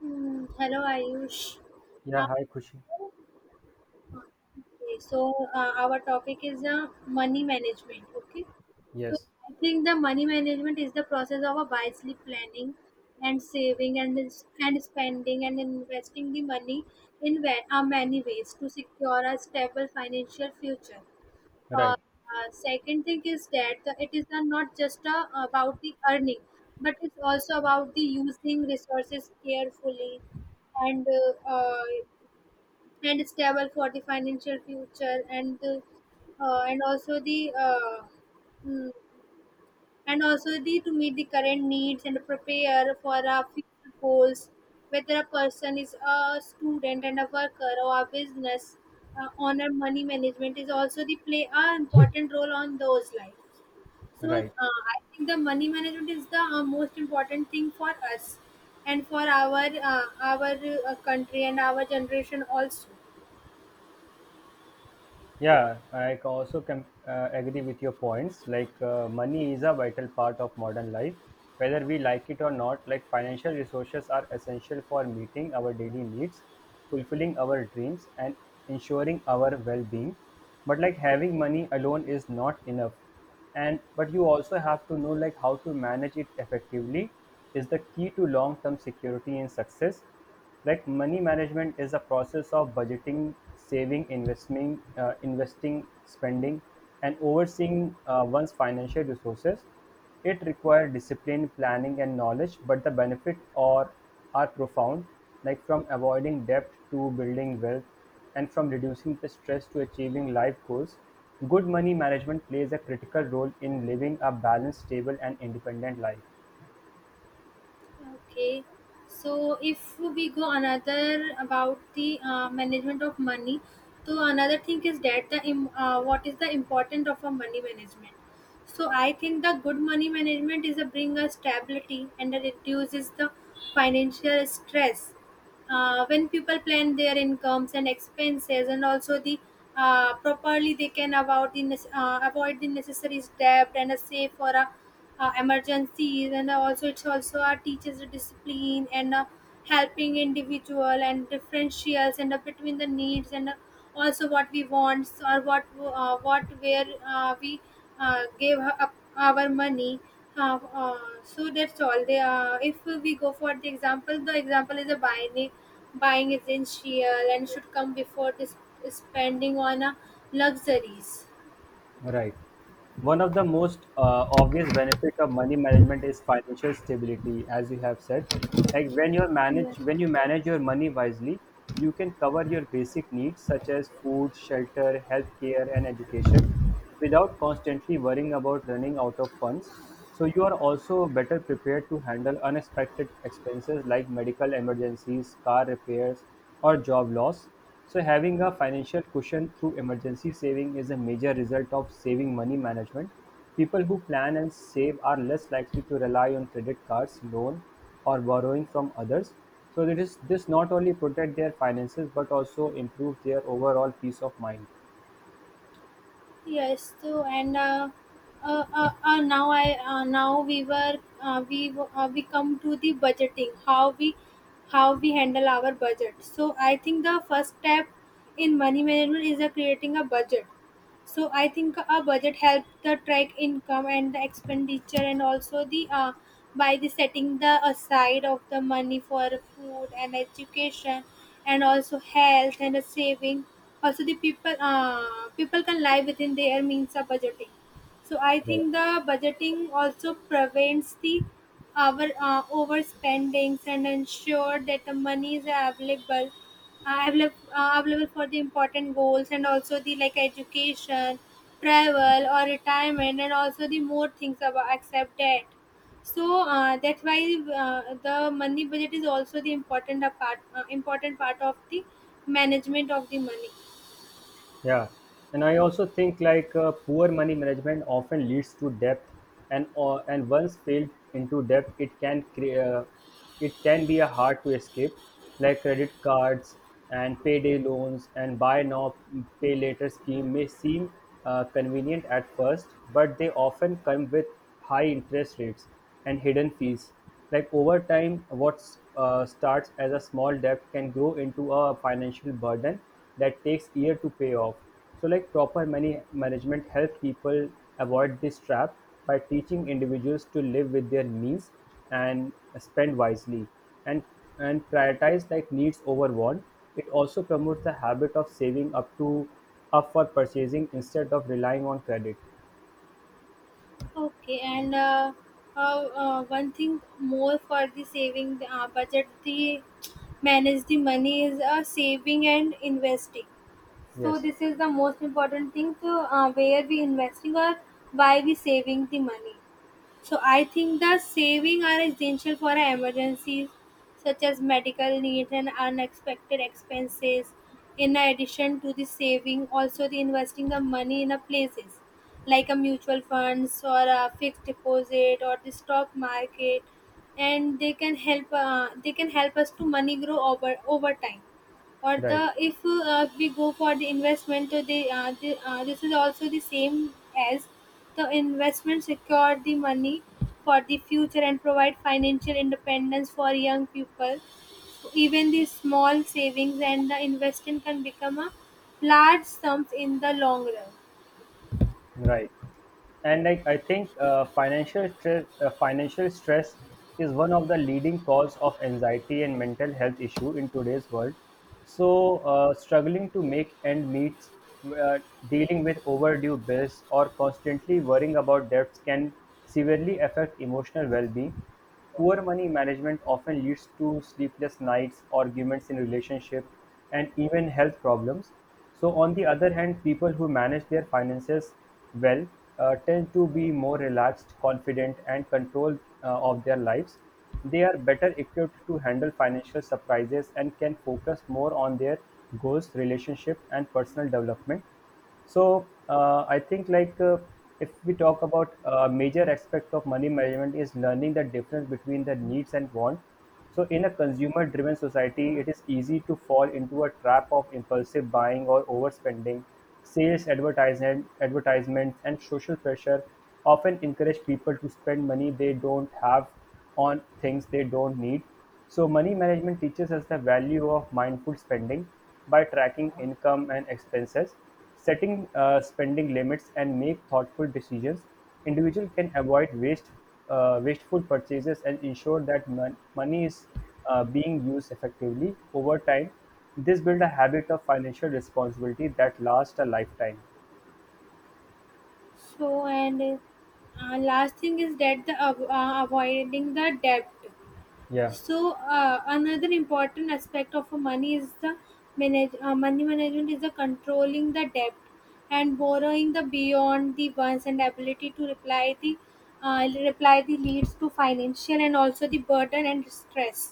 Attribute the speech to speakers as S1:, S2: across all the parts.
S1: Hmm, hello, Ayush.
S2: Yeah,
S1: Now,
S2: hi Khushi.
S1: okay, so our topic is money management. Okay, so
S2: Yes,
S1: I think the money management is the process of a wisely planning and saving and and spending and investing the money in many ways to secure a stable financial future. uh,
S2: right,
S1: Second thing is that it is not just about the earning, but it's also about the using resources carefully and uh, uh, and stable for the financial future, and also the uh, mm, and also the to meet the current needs and prepare for our future goals, whether a person is a student and a worker or a business owner. Money management is also the play a important role on those lives. So
S2: right.
S1: I think the money management is the most important thing for us and for our country and our generation also.
S2: Yeah, I ca- also can agree with your points. Money is a vital part of modern life, whether we like it or not. Like, financial resources are essential for meeting our daily needs, fulfilling our dreams, and ensuring our well-being. But like having money alone is not enough, and but you also have to know like how to manage it effectively is the key to long-term security and success. Like, money management is a process of budgeting, saving, investing, investing, spending, and overseeing one's financial resources. It requires discipline, planning, and knowledge, but the benefit are profound. Like, from avoiding debt to building wealth, and from reducing the stress to achieving life goals, good money management plays a critical role in living a balanced, stable, and independent life.
S1: Okay, so if we go another about the management of money, so another thing is that what is the importance of a money management. So I think the good money management is a bring a stability and it reduces the financial stress. When people plan their incomes and expenses and also the properly, they can about the avoid the necessary debt and a save for a emergencies, and also it's also our teaches the discipline and helping individual and differentials and between the needs and also what we want or what where we gave up our money. uh, uh, so that's all they if we go for the example, the example is a buying essential and should come before this spending on luxuries.
S2: Right. One of the most obvious benefit of money management is financial stability, as you have said. Like, when you
S1: Yeah.
S2: manage when you manage your money wisely, you can cover your basic needs such as food, shelter, healthcare, and education without constantly worrying about running out of funds. So you are also better prepared to handle unexpected expenses like medical emergencies, car repairs, or job loss. So having a financial cushion through emergency saving is a major result of saving money management. People who plan and save are less likely to rely on credit cards, loan, or borrowing from others. So it is this not only protect their finances but also improve their overall peace of mind.
S1: Yes, too. And Now I now we were we w- we come to the budgeting, how we handle our budget. So I think the first step in money management is creating a budget. So I think a budget helps the track income and the expenditure, and also the by the setting the aside of the money for food and education and also health and a saving. Also the people can live within their means of budgeting. So I
S2: Right.
S1: think the budgeting also prevents the our overspendings and ensure that the money is available for the important goals, and also the like education, travel or retirement, and also the more things about except debt. So that's why the money budget is also the important part of the management of the money.
S2: Yeah, and I also think like poor money management often leads to debt, and once failed into debt, it can be a hard to escape, like credit cards and payday loans and buy now pay later scheme may seem convenient at first, but they often come with high interest rates and hidden fees. Like, over time, what starts as a small debt can grow into a financial burden that takes year to pay off. So, like, proper money management help people avoid this trap by teaching individuals to live with their means and spend wisely, and and prioritize like needs over want. It also promotes the habit of saving up to up for purchasing instead of relying on credit.
S1: Okay, and uh, one thing more for the saving budget, the manage the money is saving and investing. So
S2: Yes,
S1: this is the most important thing to where we investing or why we saving the money. So I think the saving are essential for emergencies such as medical needs and unexpected expenses. In addition to the saving, also the investing the money in a places like a mutual funds or a fixed deposit or the stock market, and they can help. They can help us to money grow over time, or the
S2: right,
S1: if we go for the investment, the this is also the same as the investment secure the money for the future and provide financial independence for young people. So even the small savings and the investment can become a large sums in the long run.
S2: right. And I think financial stress is one of the leading cause of anxiety and mental health issue in today's world. So, struggling to make end meets, uh, dealing with overdue bills, or constantly worrying about debts can severely affect emotional well-being. Poor money management often leads to sleepless nights, arguments in relationship, and even health problems. So on the other hand, people who manage their finances well tend to be more relaxed, confident, and control of their lives. They are better equipped to handle financial surprises and can focus more on their goals, relationship, and personal development. So I think like If we talk about a major aspect of money management is learning the difference between the needs and want. So in a consumer-driven society, it is easy to fall into a trap of impulsive buying or overspending. Advertisements and social pressure often encourage people to spend money they don't have on things they don't need. So money management teaches us the value of mindful spending by tracking income and expenses, setting spending limits, and make thoughtful decisions. Individual can avoid wasteful purchases and ensure that money is being used effectively over time. This builds a habit of financial responsibility that lasts a lifetime.
S1: So and last thing is that the avoiding the debt.
S2: Yeah,
S1: So another important aspect of a money is the manage money management is the controlling the debt and borrowing the beyond the ones and ability to reply the leads to financial and also the burden and stress.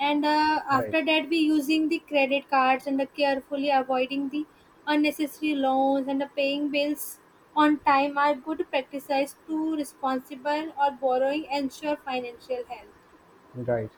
S1: And
S2: right,
S1: after that, we using the credit cards and the carefully avoiding the unnecessary loans and the paying bills on time are good practices to responsible or borrowing ensure financial health.
S2: right.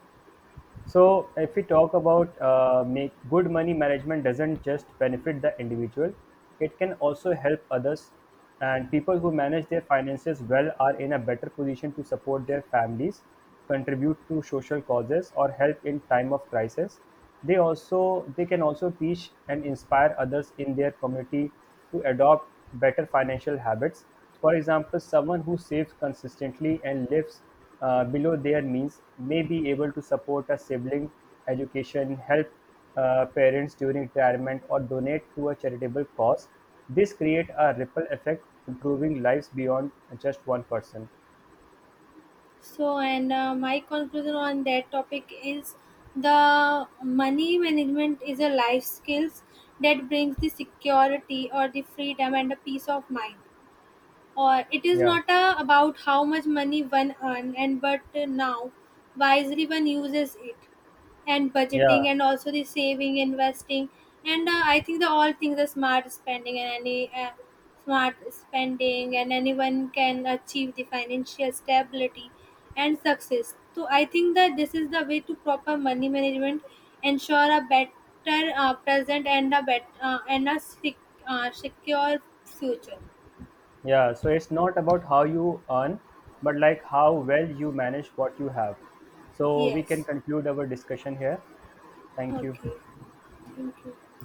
S2: So, if we talk about make good money management doesn't just benefit the individual, it can also help others. And people who manage their finances well are in a better position to support their families, contribute to social causes, or help in time of crisis. They can also teach and inspire others in their community to adopt better financial habits. For example, someone who saves consistently and lives below their means may be able to support a sibling education, help parents during retirement, or donate to a charitable cause. This creates a ripple effect, improving lives beyond just one person.
S1: So, and my conclusion on that topic is the money management is a life skills that brings the security or the freedom and the peace of mind, or it is
S2: Yeah,
S1: not about how much money one earn, and but now wisely one uses it, and
S2: yeah,
S1: budgeting and also the saving investing, and I think the all things are smart spending and any smart spending, and anyone can achieve the financial stability and success. So I think that this is the way to proper money management ensure a better present and a secure future.
S2: yeah. So it's not about how you earn, but like how well you manage what you have. So we can
S1: Yes.
S2: conclude our discussion here. Thank you.
S1: Okay, thank you.